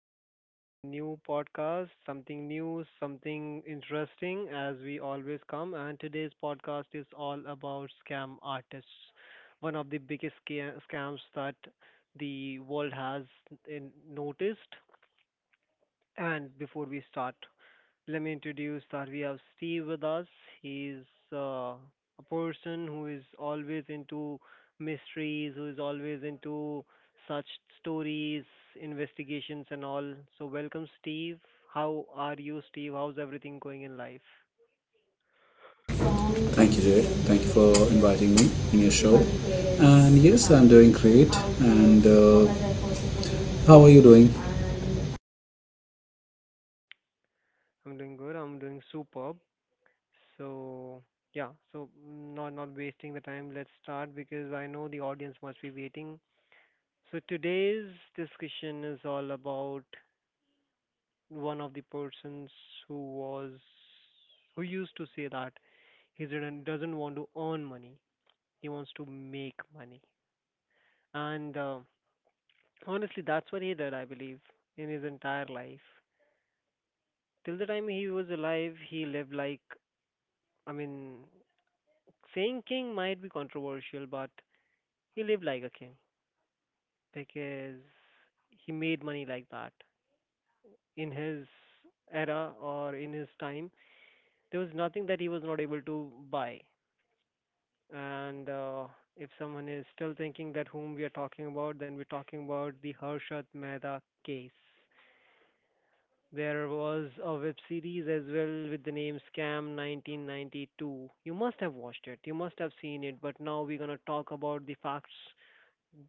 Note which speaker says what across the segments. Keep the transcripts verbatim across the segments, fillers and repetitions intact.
Speaker 1: again with a new podcast, something new, something interesting, as we always come. And today's podcast is all about scam artists, one of the biggest sca- scams that the world has in- noticed. And before we start, let me introduce that we have Steve with us. He's uh, a person who is always into mysteries, who is always into such stories, investigations, and all. So, welcome, Steve. How are you, Steve? How's everything going in life?
Speaker 2: Thank you, Jay. Thank you for inviting me in your show. And yes, I'm doing great. And uh, how are you doing?
Speaker 1: I'm doing good. I'm doing superb. So, yeah. So, not not wasting the time. Let's start because I know the audience must be waiting. So today's discussion is all about one of the persons who was who used to say that he didn't doesn't want to earn money, he wants to make money. And uh, honestly, that's what he did, I believe. In his entire life, till the time he was alive, he lived like, i mean saying king might be controversial, but he lived like a king because he made money like that. In his era or in his time, there was nothing that he was not able to buy. And uh, if someone is still thinking that whom we are talking about, then we're talking about the Harshad Mehta case. There was a web series as well with the name Scam nineteen ninety-two. You must have watched it. You must have seen it. But now we're gonna talk about the facts.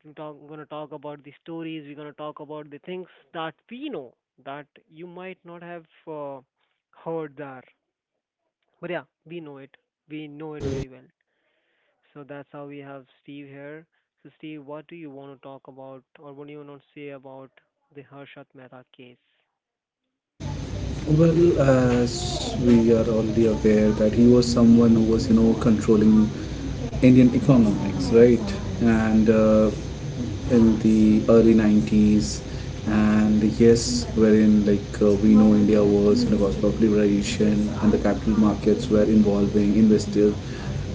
Speaker 1: We're talk, gonna talk about the stories. We're gonna talk about the things that we know that you might not have uh, heard there. But yeah, we know it. We know it very well. So that's how we have Steve here. So Steve, what do you want to talk about, or what do you want to say about the Harshat Mehta case?
Speaker 2: Well, as we are already aware that he was someone who was, you know, controlling Indian economics, right? And uh, In the early nineties, and yes, wherein like uh, we know India was in a cusp of liberalization, and the capital markets were involving investors.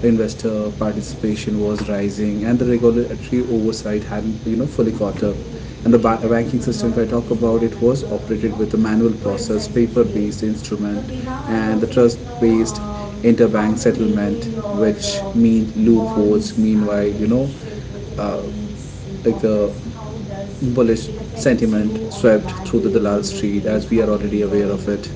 Speaker 2: The investor participation was rising, and the regulatory oversight hadn't you know fully caught up. And the ba- banking system, if I talk about, it was operated with a manual process, paper based instrument, and the trust based interbank settlement, which mean loopholes. Meanwhile, you know uh, like the bullish sentiment swept through the Dalal Street, as we are already aware of it.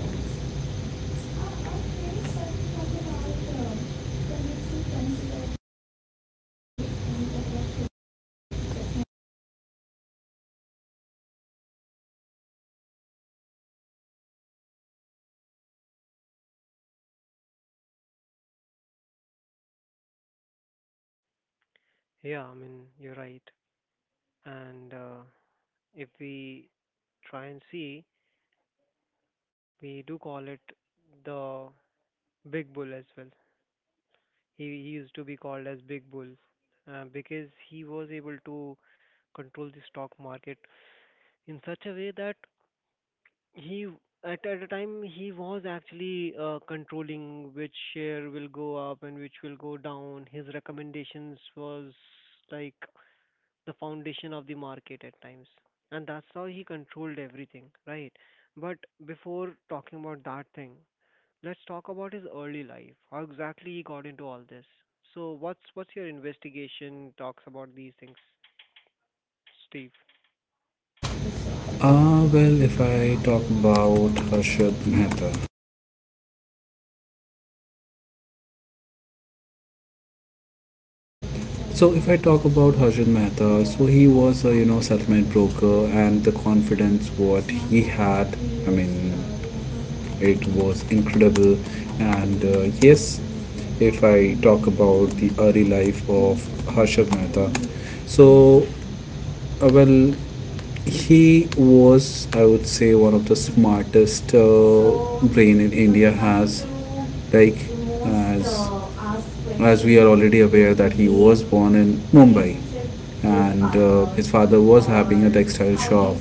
Speaker 1: Yeah, I mean you're right. And uh, if we try and see, we do call it the Big Bull as well. He he used to be called as Big Bull uh, because he was able to control the stock market in such a way that he, at, at a time, he was actually uh, controlling which share will go up and which will go down. His recommendations was like the foundation of the market at times, and that's how he controlled everything, right? But before talking about that thing, let's talk about his early life, how exactly he got into all this. So what's what's your investigation talks about these things, Steve?
Speaker 2: Ah, well, if I talk about Harshad Mehta. So if I talk about Harshad Mehta, so he was a you know settlement broker, and the confidence what he had, I mean, it was incredible. And uh, Yes, if I talk about the early life of Harshad Mehta, so uh, well, he was, I would say, one of the smartest uh, brain in India has. Like, as as we are already aware that he was born in Mumbai, and uh, his father was having a textile shop,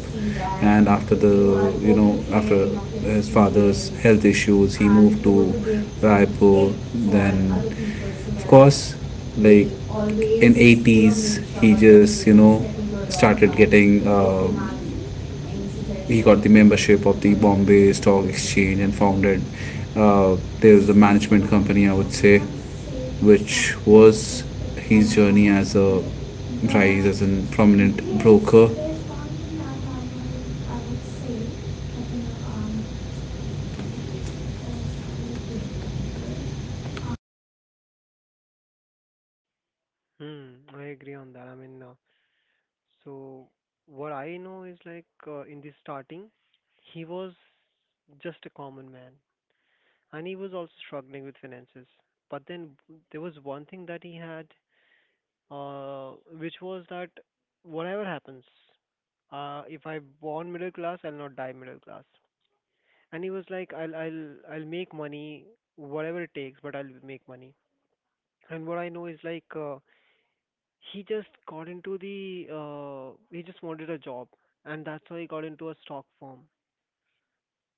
Speaker 2: and after the you know after his father's health issues, he moved to Raipur. Then, of course, like in eighties, he just you know started getting uh, he got the membership of the Bombay Stock Exchange and founded uh, there's a management company, I would say, which was his journey as a rise as a prominent broker.
Speaker 1: Hmm, I agree on that. I mean, uh, so what I know is like, uh, in the starting, he was just a common man, and he was also struggling with finances. But then there was one thing that he had, uh, which was that whatever happens, uh, if I born middle class, I'll not die middle class. And he was like, I'll I'll I'll make money, whatever it takes, but I'll make money. And what I know is like. Uh, He just got into the, uh, he just wanted a job, and that's how he got into a stock firm.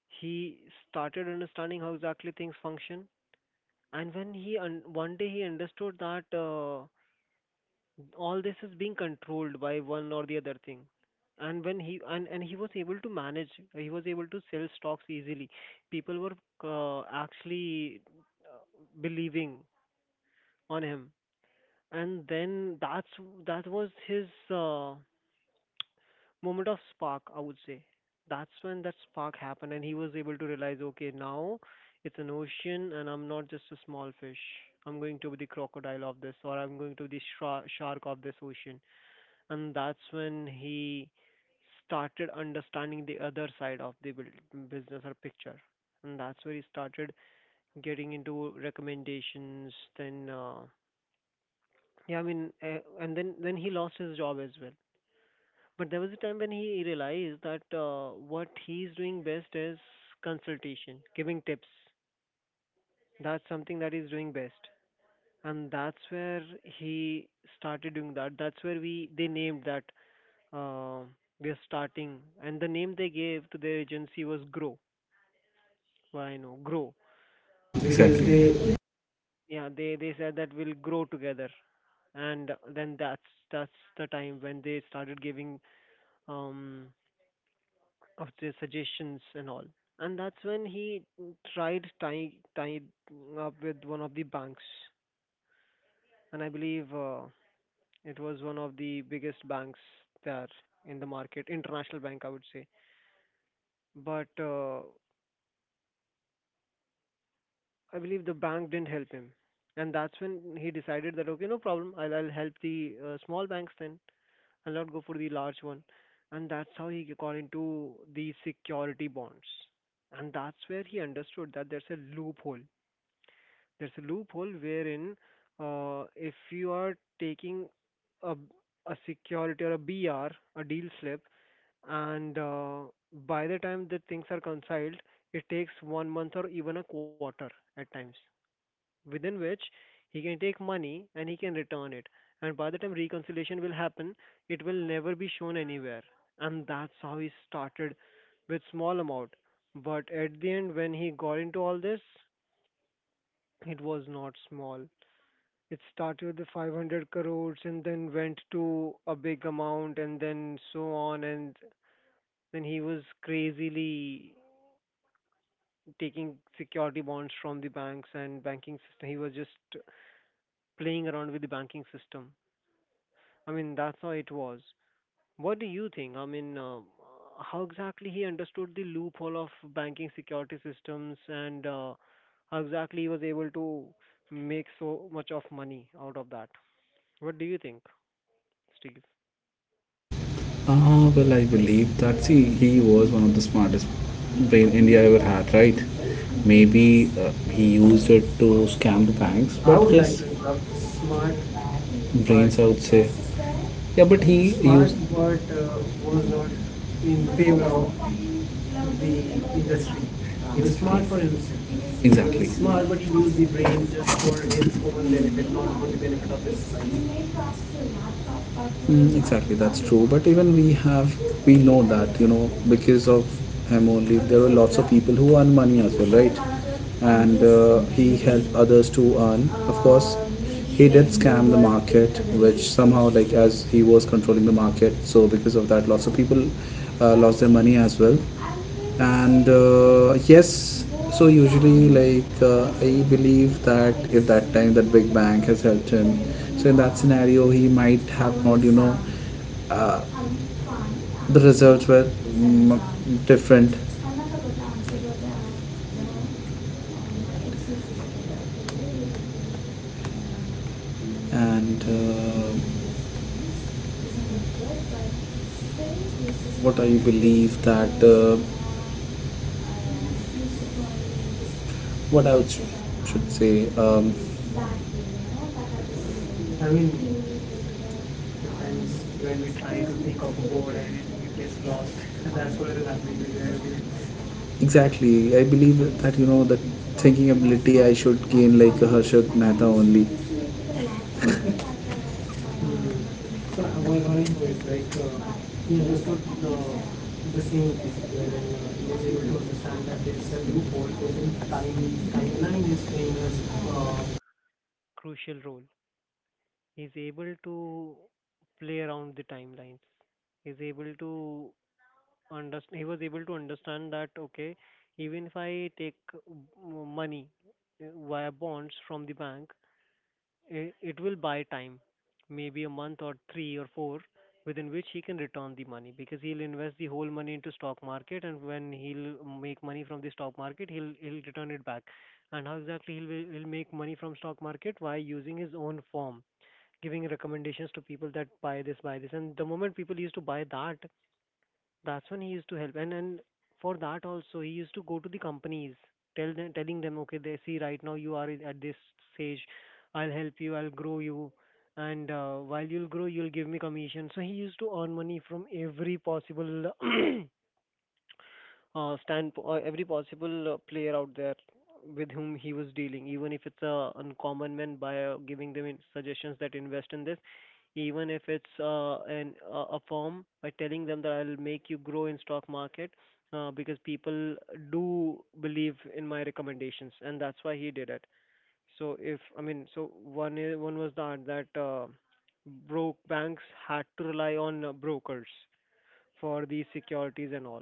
Speaker 1: He started understanding how exactly things function, and when he, un- one day he understood that uh, all this is being controlled by one or the other thing. And when he, and, and he was able to manage, he was able to sell stocks easily. People were uh, actually believing on him, and then that's that was his uh, moment of spark, I would say. That's when that spark happened, and he was able to realize, okay, now it's an ocean, and I'm not just a small fish. I'm going to be the crocodile of this, or I'm going to be the shra- shark of this ocean. And that's when he started understanding the other side of the buil- business or picture. And that's where he started getting into recommendations. Then, uh, yeah, I mean, uh, and then then he lost his job as well. But there was a time when he realized that uh, what he's doing best is consultation, giving tips. That's something that he's doing best, and that's where he started doing that. That's where we they named that, uh, we are starting, and the name they gave to their agency was Grow. Why no, Grow, because they,
Speaker 2: Exactly.
Speaker 1: yeah, they they said that we'll grow together, and then that's that's the time when they started giving um of their suggestions and all. And that's when he tried tying tying up with one of the banks, and I believe uh, it was one of the biggest banks there in the market, international bank, I would say. But uh, I believe the bank didn't help him, and that's when he decided that okay, no problem, I'll I'll help the uh, small banks then. I'll not go for the large one, and that's how he got into the security bonds, and that's where he understood that there's a loophole. There's a loophole wherein uh, if you are taking a, a security or a B R, a deal slip, and uh, by the time that things are consigned, it takes one month or even a quarter at times, within which he can take money and he can return it. And by the time reconciliation will happen, it will never be shown anywhere. And that's how he started with small amount. But at the end, when he got into all this, it was not small. It started with five hundred crores and then went to a big amount and then so on. And then he was crazily taking security bonds from the banks and banking system. He was just playing around with the banking system. I mean, that's how it was. What do you think? I mean, uh, how exactly he understood the loophole of banking security systems, and uh, how exactly he was able to make so much of money out of that? What do you think, Steve?
Speaker 2: Ah well, I believe that, see, he was one of the smartest brain India ever had, right? Maybe uh, he used it to scam the banks,
Speaker 1: I
Speaker 2: but
Speaker 1: would
Speaker 2: would like
Speaker 1: like to interrupt.
Speaker 2: his
Speaker 1: Smart, but
Speaker 2: brains, I would say, yeah. But he
Speaker 1: smart,
Speaker 2: used uh,
Speaker 1: but uh, was not in favor of
Speaker 2: the
Speaker 1: the
Speaker 2: industry.
Speaker 1: industry. He was
Speaker 2: It's smart
Speaker 1: smart for
Speaker 2: for industry.
Speaker 1: himself. He
Speaker 2: Exactly.
Speaker 1: was
Speaker 2: It's smart,
Speaker 1: smart, but
Speaker 2: but
Speaker 1: he
Speaker 2: you use
Speaker 1: used
Speaker 2: the
Speaker 1: the
Speaker 2: brain
Speaker 1: brain just
Speaker 2: for
Speaker 1: for his
Speaker 2: its
Speaker 1: own benefit,
Speaker 2: benefit,
Speaker 1: not
Speaker 2: not for
Speaker 1: for
Speaker 2: the
Speaker 1: the
Speaker 2: benefit
Speaker 1: benefit
Speaker 2: of
Speaker 1: of the society.
Speaker 2: the. Mm, exactly, that's true. But even we have, we know that, you know, because of him only, there were lots of people who earn money as well, right? And uh, He helped others to earn. Of course, he did scam the market, which somehow, like, as he was controlling the market, so because of that, lots of people uh, lost their money as well. And uh, Yes, so usually, like uh, I believe that if that time that big bang has helped him, so in that scenario, he might have not you know uh, the results were mm, different. And uh, What I believe that uh, what I would, should say um,
Speaker 1: I mean, at times
Speaker 2: times when
Speaker 1: when
Speaker 2: we
Speaker 1: we
Speaker 2: try
Speaker 1: try
Speaker 2: to
Speaker 1: to
Speaker 2: think
Speaker 1: think
Speaker 2: of
Speaker 1: of a
Speaker 2: a word
Speaker 1: word
Speaker 2: and
Speaker 1: and it, it
Speaker 2: it
Speaker 1: gets
Speaker 2: gets
Speaker 1: lost,
Speaker 2: lost, and
Speaker 1: that's
Speaker 2: that's what
Speaker 1: what is
Speaker 2: is happening with
Speaker 1: happening.
Speaker 2: everything. Exactly. I believe that you know that thinking ability I should gain like a Harshad Mehta only.
Speaker 1: Mm.
Speaker 2: So
Speaker 1: So
Speaker 2: our
Speaker 1: uh, what
Speaker 2: aim
Speaker 1: what I
Speaker 2: is
Speaker 1: know is like,
Speaker 2: like
Speaker 1: uh,
Speaker 2: uh,
Speaker 1: he
Speaker 2: most
Speaker 1: understood
Speaker 2: of the
Speaker 1: uh,
Speaker 2: the
Speaker 1: the
Speaker 2: same
Speaker 1: same thing,
Speaker 2: thing where uh,
Speaker 1: wherein uh, he
Speaker 2: we
Speaker 1: was
Speaker 2: are
Speaker 1: able to
Speaker 2: able to understand
Speaker 1: understand
Speaker 2: that
Speaker 1: that
Speaker 2: there
Speaker 1: there's
Speaker 2: is a
Speaker 1: a
Speaker 2: loophole,
Speaker 1: loophole where
Speaker 2: so time
Speaker 1: time
Speaker 2: timeline
Speaker 1: timeline is
Speaker 2: is playing
Speaker 1: playing a uh,
Speaker 2: us uh,
Speaker 1: crucial role. He's able to play around the timelines. He's able to understand. He was able to understand that okay, even if I take uh, m- money uh, via bonds from the bank, it, it will buy time, maybe a month or three or four, within which he can return the money because he'll invest the whole money into stock market, and when he'll make money from the stock market, he'll he'll return it back. And how exactly he'll he'll make money from stock market by using his own firm, giving recommendations to people that buy this, buy this, and the moment people used to buy that, that's when he used to help, and and for that also he used to go to the companies, tell them, telling them, okay, they see right now you are at this stage, I'll help you, I'll grow you, and uh, while you'll grow, you'll give me commission. So he used to earn money from every possible uh, stand uh, every possible uh, player out there with whom he was dealing, even if it's a uncommon man by uh, giving them in- suggestions that invest in this, even if it's uh, an uh, a a firm by telling them that I'll make you grow in stock market uh, because people do believe in my recommendations, and that's why he did it. So if I mean, so one is, one was that that uh, broke banks had to rely on uh, brokers for these securities and all.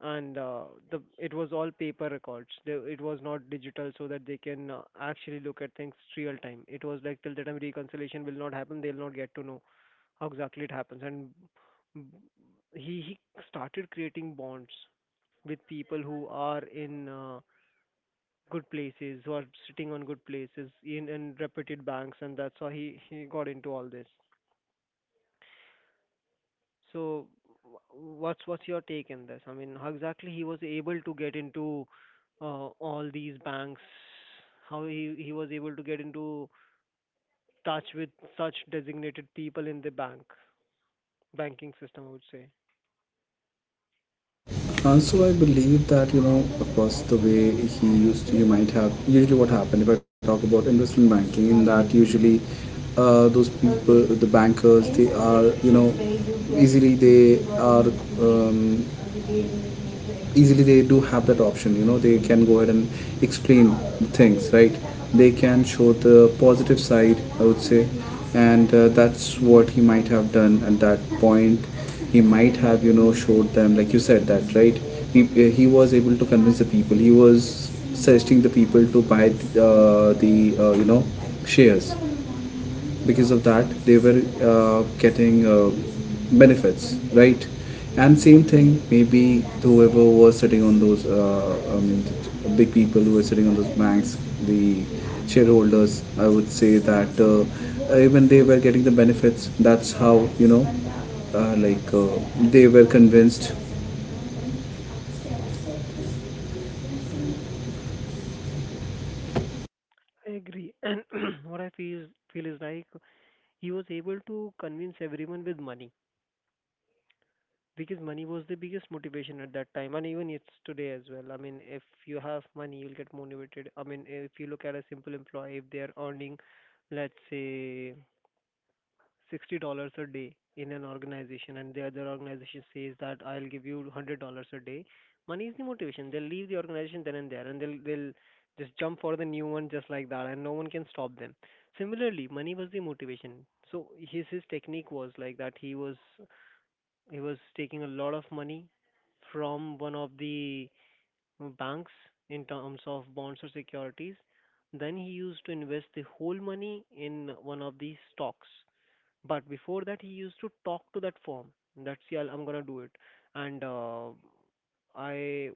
Speaker 1: And uh, the it was all paper records. There, it was not digital, so that they can uh, actually look at things real time. It was like till the time reconciliation will not happen, they'll not get to know how exactly it happens. And b- he he started creating bonds with people who are in uh, good places, who are sitting on good places in in reputed banks, and that's how he he got into all this. So wh- what's what's your take in this? I mean, how exactly he was able to get into uh, all these banks? How he he was able to get into touch with such designated people in the bank banking system, I would say.
Speaker 2: also, I believe that, you know, of course, the way he used to, you might have, usually what happened, if I talk about investment banking, in that usually uh, those people, the bankers, they are, you know, easily they are um, easily they do have that option, you know they can go ahead and explain things, right. They can show the positive side, I would say. And uh, That's what he might have done at that point. He might have you know showed them, like you said, that right, he, uh, he was able to convince the people. He was suggesting the people to buy the, uh, the uh, you know shares, because of that they were uh, getting uh, benefits, right. And same thing, maybe whoever was sitting on those uh, I mean, big people who were sitting on those banks, the shareholders, I would say, that uh, even they were getting the benefits. That's how, you know uh, like uh, they were convinced.
Speaker 1: I agree. And what I feel feel is like he was able to convince everyone with money. Because money was the biggest motivation at that time, and even it's today as well. I mean, if you have money, you'll get motivated. I mean, if you look at a simple employee, if they are earning, let's say, sixty dollars a day in an organization, and the other organization says that I'll give you one hundred dollars a day, money is the motivation. They'll leave the organization then and there, and they'll they'll just jump for the new one just like that, and no one can stop them. Similarly, money was the motivation. So his his technique was like that. He was he was taking a lot of money from one of the banks in terms of bonds or securities. Then he used to invest the whole money in one of the stocks. But before that, he used to talk to that firm. That's, yeah, I'm gonna do it. And uh, I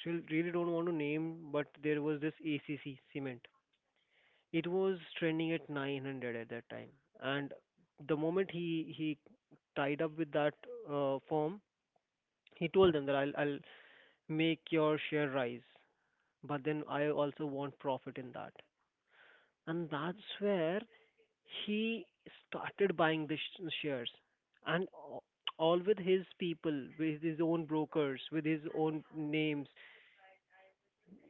Speaker 1: still really don't want to name, but there was this A C C cement. It was trending at nine hundred at that time, and the moment he he tied up with that uh, firm, he told them that I'll, I'll make your share rise, but then I also want profit in that. And that's where he started buying the sh- shares. And a- all with his people, with his own brokers, with his own names.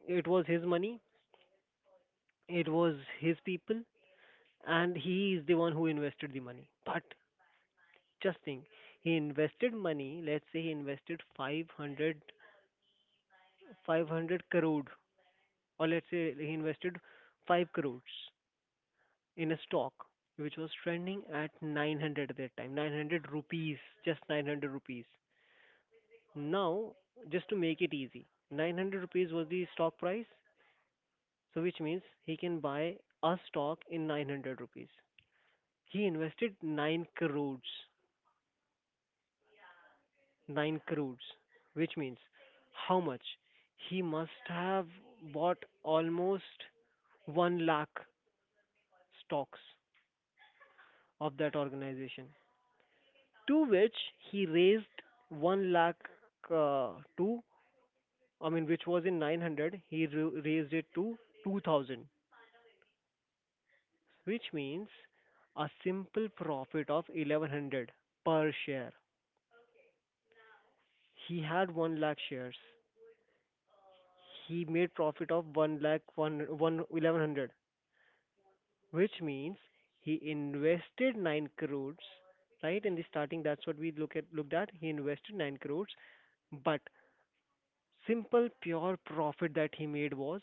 Speaker 1: It was his money, it was his people, and he is the one who invested the money. But just think, he invested money. Let's say he invested five hundred five hundred crore, or let's say he invested five crores in a stock which was trending at nine hundred at that time, nine hundred rupees, just nine hundred rupees. Now, just to make it easy, nine hundred rupees was the stock price. So which means he can buy a stock in nine hundred rupees. He invested nine crores, nine crores, which means how much he must have bought? Almost one lakh stocks of that organization, to which he raised one lakh uh, to, I mean, which was in nine hundred, he ra- raised it to two thousand, which means a simple profit of eleven hundred per share. He had one lakh shares. He made profit of one lakh one, one eleven hundred, which means he invested nine crores, right? In the starting, that's what we look at, looked at. He invested nine crores, but simple pure profit that he made was...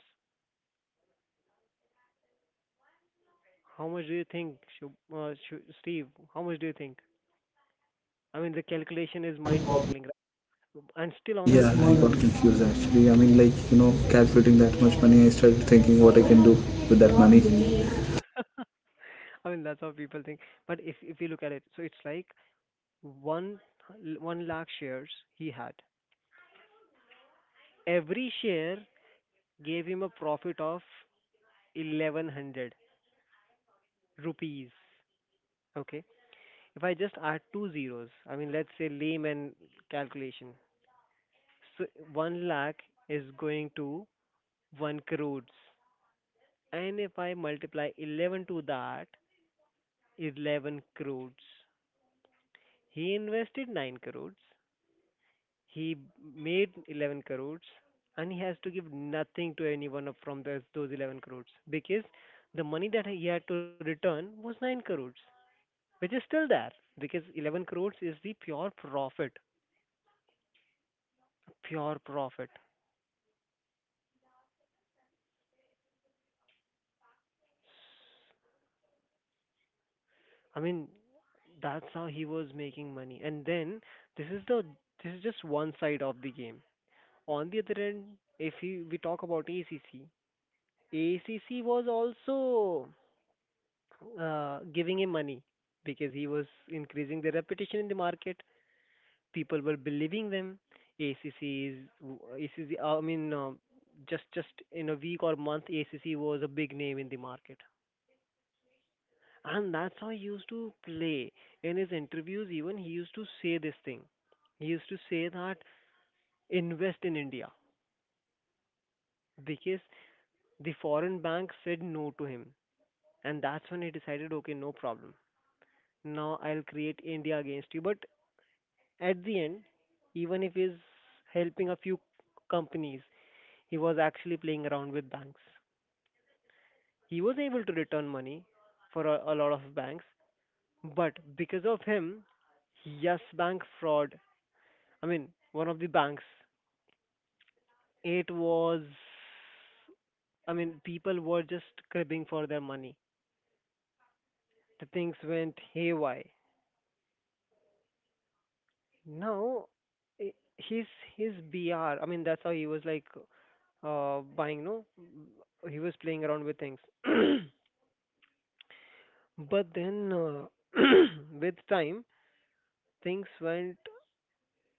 Speaker 1: How much do you think, Shub, uh, Shu- Steve? How much do you think? I mean, the calculation is mind-boggling, right? And still on the
Speaker 2: Yeah, I
Speaker 1: small
Speaker 2: got
Speaker 1: number.
Speaker 2: confused, actually. I mean, like, you know calculating that much money, I started thinking what I can do with that money.
Speaker 1: I mean, that's how people think. But if if you look at it, so it's like one one lakh shares he had. Every share gave him a profit of eleven hundred rupees. Okay, if I just add two zeros, I mean, let's say layman calculation. So one lakh is going to one crores. And if I multiply eleven to that, eleven crores. He invested nine crores. He made eleven crores. And he has to give nothing to anyone of- from those, those eleven crores. Because the money that he had to return was nine crores. Which is still there. Because eleven crores is the pure profit. Pure profit.
Speaker 2: Exactly.
Speaker 1: I mean, that's how he was making money. And then this is the this is just one side of the game. On the other end, if we, we talk about A C C, A C C was also uh, giving him money because he was increasing the reputation in the market. People were believing them. A C C is A C C. I mean, uh, just just in a week or month, A C C was a big name in the market, and that's how he used to play. In his interviews, even he used to say this thing. He used to say that invest in India, because the foreign bank said no to him. And that's when he decided, okay, no problem. Now I'll create India against you. But at the end, even if he's helping a few companies, he was actually playing around with banks. He was able to return money for a, a lot of banks, but because of him, Yes Bank fraud, I mean, one of the banks, it was, I mean, people were just cribbing for their money. The things went haywire. No, i- his his B R. I mean, that's how he was like uh buying. No, he was playing around with things. But then uh, with time, things went.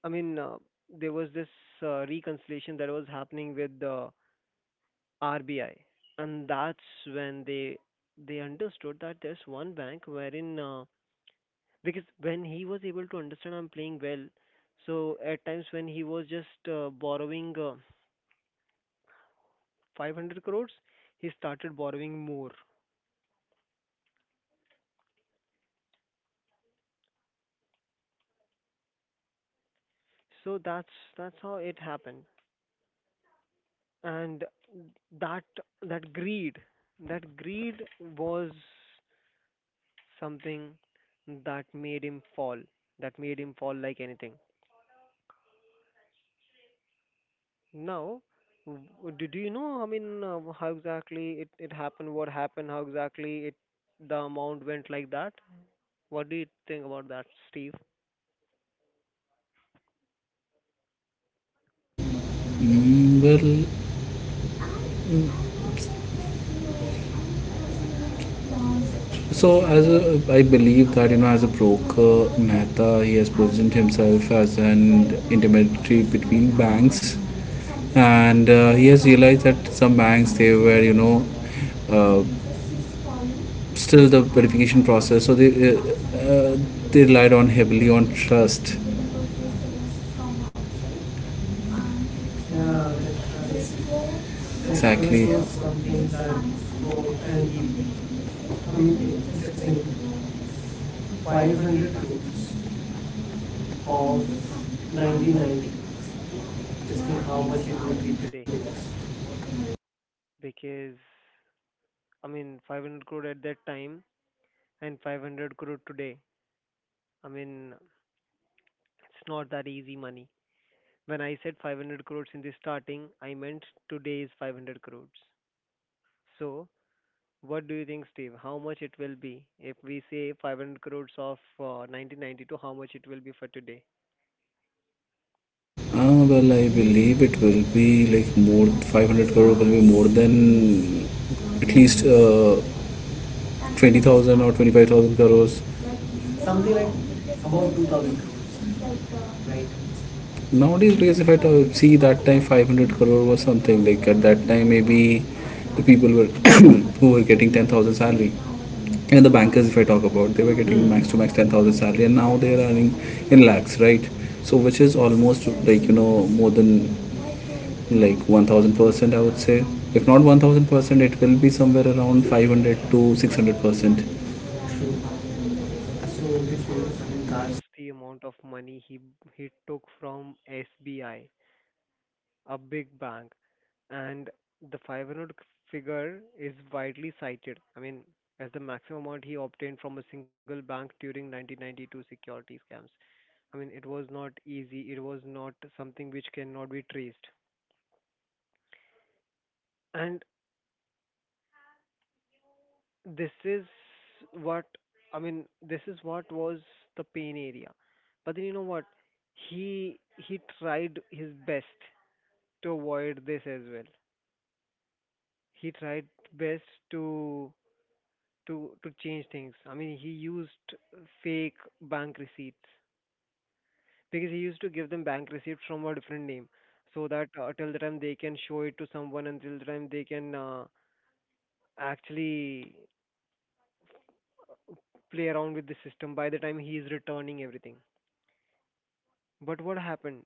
Speaker 1: I mean, uh, there was this uh, reconciliation that was happening with the R B I, and that's when they they understood that there's one bank wherein uh, because when he was able to understand I'm playing well, so at times when he was just uh, borrowing Uh, five hundred crores, he started borrowing more. So that's that's how it happened. And that that greed, that greed was something that made him fall. That made him fall like anything. Now, w- do do you know? I mean, uh, how exactly it it happened? What happened? How exactly it the amount went like that? What do you think about that, Steve?
Speaker 2: Mm. Well, so as a, I believe that, you know, as a broker, Mehta, he has positioned himself as an intermediary between banks, and uh, he has realized that some banks, they were you know uh, still the verification process, so they uh, uh, they relied on heavily on trust.
Speaker 1: Yeah,
Speaker 2: Yeah,
Speaker 1: the trust.
Speaker 2: that.
Speaker 1: The trust
Speaker 2: Exactly.
Speaker 1: was something that worked, and he
Speaker 2: And
Speaker 1: I mean, eh, just think five hundred
Speaker 2: five hundred
Speaker 1: crores
Speaker 2: crores
Speaker 1: of
Speaker 2: of ninety-nine,
Speaker 1: nineteen ninety-two. Just think
Speaker 2: justin
Speaker 1: how
Speaker 2: how
Speaker 1: much
Speaker 2: much
Speaker 1: it
Speaker 2: it
Speaker 1: would
Speaker 2: would
Speaker 1: be
Speaker 2: be today.
Speaker 1: today. Because, I mean, five hundred crore at that time and five hundred crore today. I mean, it's not that easy money. When I said five hundred crores in the starting, I meant today's five hundred crores. So, what do you think, Steve? How much it will be if we say five hundred crores of uh, nineteen ninety-two? How much it will be for today?
Speaker 2: Uh, well, I believe it will be like more five hundred crore will be more than at least uh, twenty thousand or twenty-five thousand crores.
Speaker 1: Something
Speaker 2: Something
Speaker 1: like
Speaker 2: like
Speaker 1: above
Speaker 2: about
Speaker 1: two thousand
Speaker 2: two thousand,
Speaker 1: crores,
Speaker 2: right.
Speaker 1: right?
Speaker 2: Nowadays, because if I ta- see, that time five hundred crore was something like, at that time maybe the people were who were getting ten thousand salary. And the bankers, if I talk about, they were getting
Speaker 1: Mm,
Speaker 2: max to max ten thousand salary, and now they are earning in lakhs, right? So, which is almost, like, you know more than, like, one thousand percent, I would say. If not one thousand percent, it will be somewhere around five hundred to six hundred percent.
Speaker 1: true. So which means, I mean, that's the amount of money he he took from S B I, a big bank, and the five hundred figure is widely cited. I mean, as the maximum amount he obtained from a single bank during nineteen ninety-two security scams. I mean, it was not easy. It was not something which cannot be traced. And this is what I mean. This is what was the pain area. But then you know what? He he tried his best to avoid this as well. He tried best to to to change things. I mean, he used fake bank receipts because he used to give them bank receipts from a different name, so that uh, till the time they can show it to someone, until the time they can uh, actually play around with the system by the time he is returning everything. But what happened?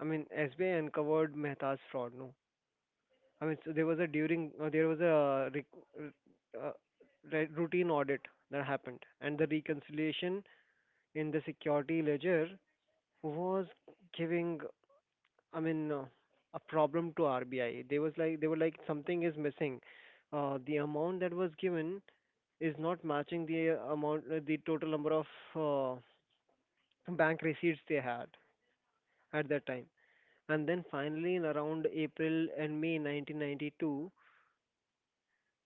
Speaker 1: I mean, S B I uncovered Mehta's fraud. No, I mean, so there was a during uh, there was a re- r- uh, re- routine audit that happened, and the reconciliation in the security ledger was giving, I mean, uh, a problem to R B I. They was like they were like something is missing. Uh, the amount that was given is not matching the amount, uh, the total number of uh, bank receipts they had at that time. And then finally, in around April and May nineteen ninety-two,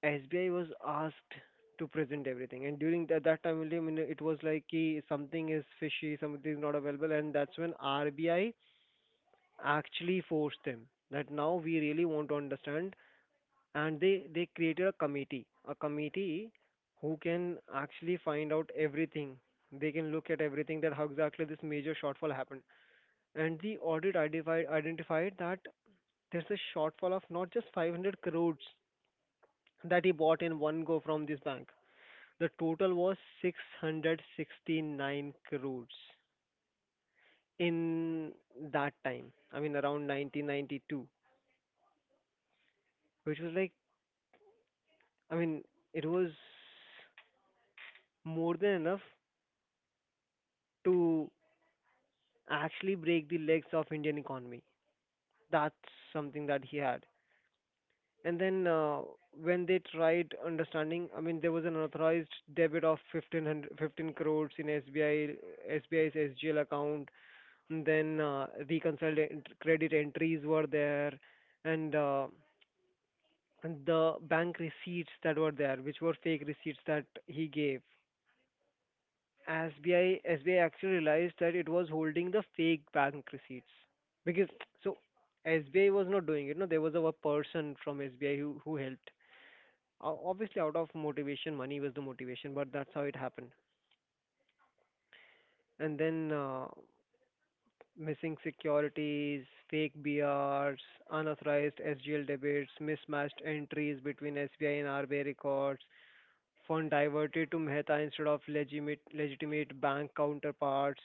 Speaker 1: S B I was asked to present everything. And during that, that time, only, I mean, it was like ki, something is fishy, something is not available. And that's when R B I actually forced them that now we really want to understand. And they, they created a committee, a committee who can actually find out everything. They can look at everything, that how exactly this major shortfall happened. And the audit identified, identified that there's a shortfall of not just five hundred crores that he bought in one go from this bank. The total was six hundred sixty-nine crores in that time. I mean, around nineteen ninety-two, which was like, I mean, it was more than enough to actually break the legs of Indian economy. That's something that he had. And then uh, when they tried understanding, I mean, there was an authorized debit of fifteen hundred, fifteen crores in SBI, S B I's S G L account. And then uh, reconciled ent- credit entries were there, and uh, and the bank receipts that were there, which were fake receipts that he gave. S B I S B I actually realized that it was holding the fake bank receipts because, so S B I was not doing it. No, there was a person from S B I who who helped, o- obviously out of motivation, money was the motivation, but that's how it happened. And then uh, missing securities, fake B Rs, unauthorized S G L debits, mismatched entries between S B I and R B I records, fund diverted to Mehta instead of legitimate legitimate bank counterparts.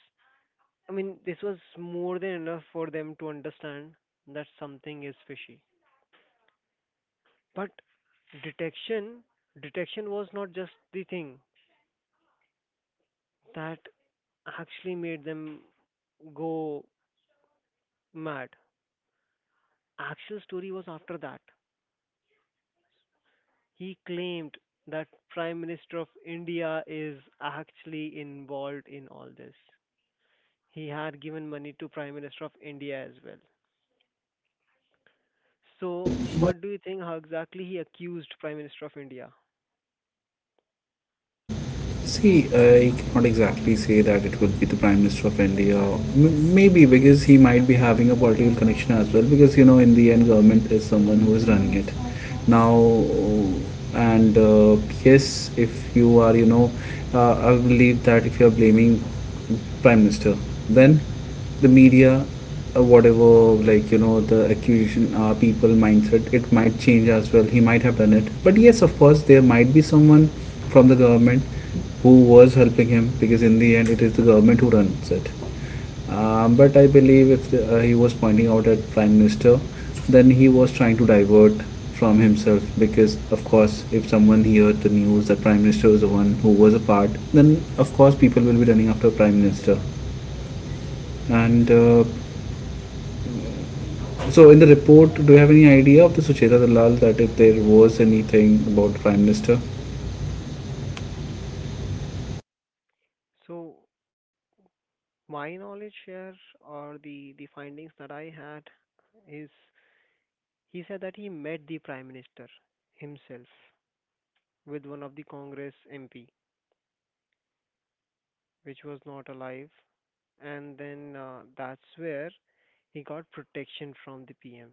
Speaker 1: I mean, this was more than enough for them to understand that something is fishy. But detection detection was not just the thing that actually made them go mad. Actual story was after that. He claimed that Prime Minister of India is actually involved in all this. He had given money to Prime Minister of India as well. So what do you think, how exactly he accused Prime Minister of India?
Speaker 2: See, I cannot exactly say that it would be the Prime Minister of India. M- maybe because he might be having a political connection as well. Because, you know, in the end, government is someone who is running it now. And uh, Yes, if you are, you know, uh, I believe that if you are blaming Prime Minister, then the media uh, whatever, like you know the accusation, uh, people mindset, it might change as well. He might have done it, but yes, of course, there might be someone from the government who was helping him, because in the end, it is the government who runs it. Um, but I believe, if the, uh, he was pointing out at Prime Minister, then he was trying to divert from himself, because of course, if someone heard the news that Prime Minister was the one who was a part, then of course, people will be running after Prime Minister. And uh, So in the report, do you have any idea of the Sucheta Dalal that if there was anything about the Prime Minister?
Speaker 1: So my knowledge here, or the, the findings that I had, is he said that he met the Prime Minister himself with one of the Congress M P, which was not alive, and then uh, that's where he got protection from the P M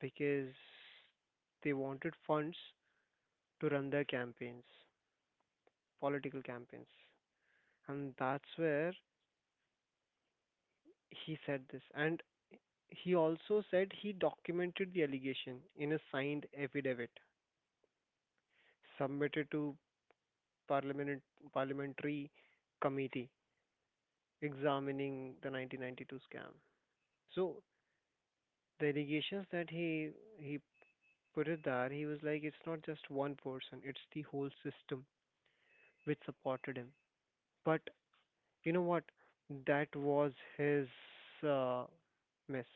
Speaker 1: because they wanted funds to run their campaigns, political campaigns, and that's where he said this. And he also said he documented the allegation in a signed affidavit submitted to parliament parliamentary committee examining the nineteen ninety-two scam. So the allegations that he he Puridhar, he was like, it's not just one person, it's the whole system which supported him. But you know what? That was his uh, miss.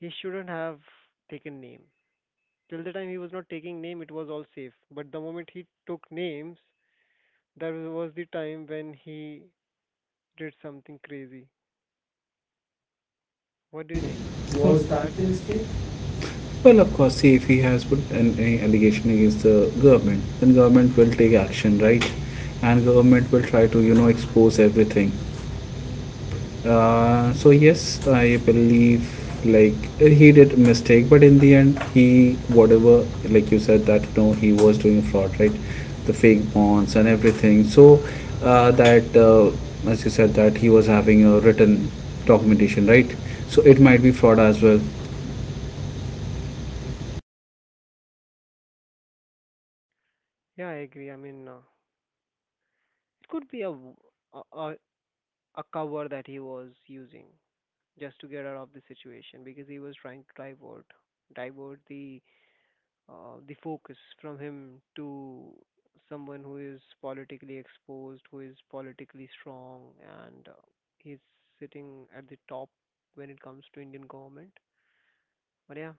Speaker 1: He shouldn't have taken name. Till the time he was not taking name, it was all safe. But the moment he took names, that was the time when he did something crazy.
Speaker 2: What
Speaker 1: What
Speaker 2: do you
Speaker 1: do you think?
Speaker 2: think? Was
Speaker 1: Was
Speaker 2: that
Speaker 1: that
Speaker 2: the
Speaker 1: the
Speaker 2: mistake?
Speaker 1: mistake?
Speaker 2: Well, of course, see, if he has put an, any allegation against the government, then government will take action, right? And government will try to you know expose everything. Uh, so yes, I believe, like, he did a mistake, but in the end, he, whatever, like you said, that you know he was doing fraud, right? The fake bonds and everything. So uh, that uh, As you said, that he was having a written documentation, right? So it might be fraud as well.
Speaker 1: Yeah, I agree. I mean, uh, it could be a, w- a a a cover that he was using, just to get out of the situation because he was trying to divert divert the uh, the focus from him to someone who is politically exposed, who is politically strong, and uh, he's sitting at the top when it comes to Indian government. But yeah,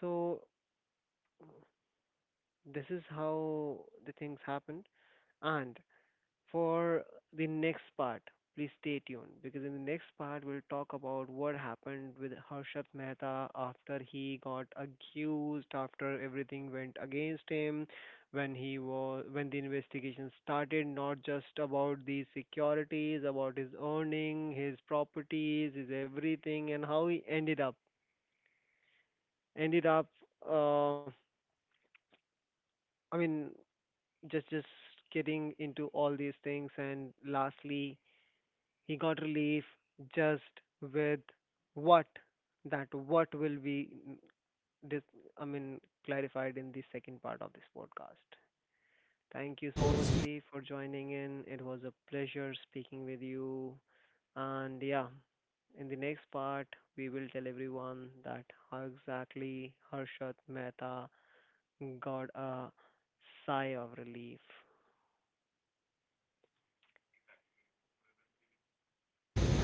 Speaker 1: so this is how the things happened. And for the next part, please stay tuned, because in the next part we'll talk about what happened with Harshat Mehta after he got accused, after everything went against him, when he was when the investigation started, not just about the securities, about his earning, his properties, his everything, and how he ended up ended up uh, I mean, just just getting into all these things. And lastly, he got relief just with what, that what will be mm, dis I mean, clarified in the second part of this podcast. Thank you so much, Steve, for joining in. It was a pleasure speaking with you. And yeah, in the next part, we will tell everyone that how exactly Harshad Mehta got a sigh of relief.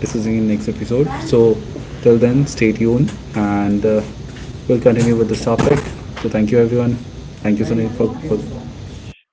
Speaker 2: Discussing in next episode. So till then, stay tuned, and uh, we'll continue with this topic. So thank you everyone. Thank you
Speaker 1: Thank
Speaker 2: Sunil for,
Speaker 1: you so
Speaker 2: for
Speaker 1: much.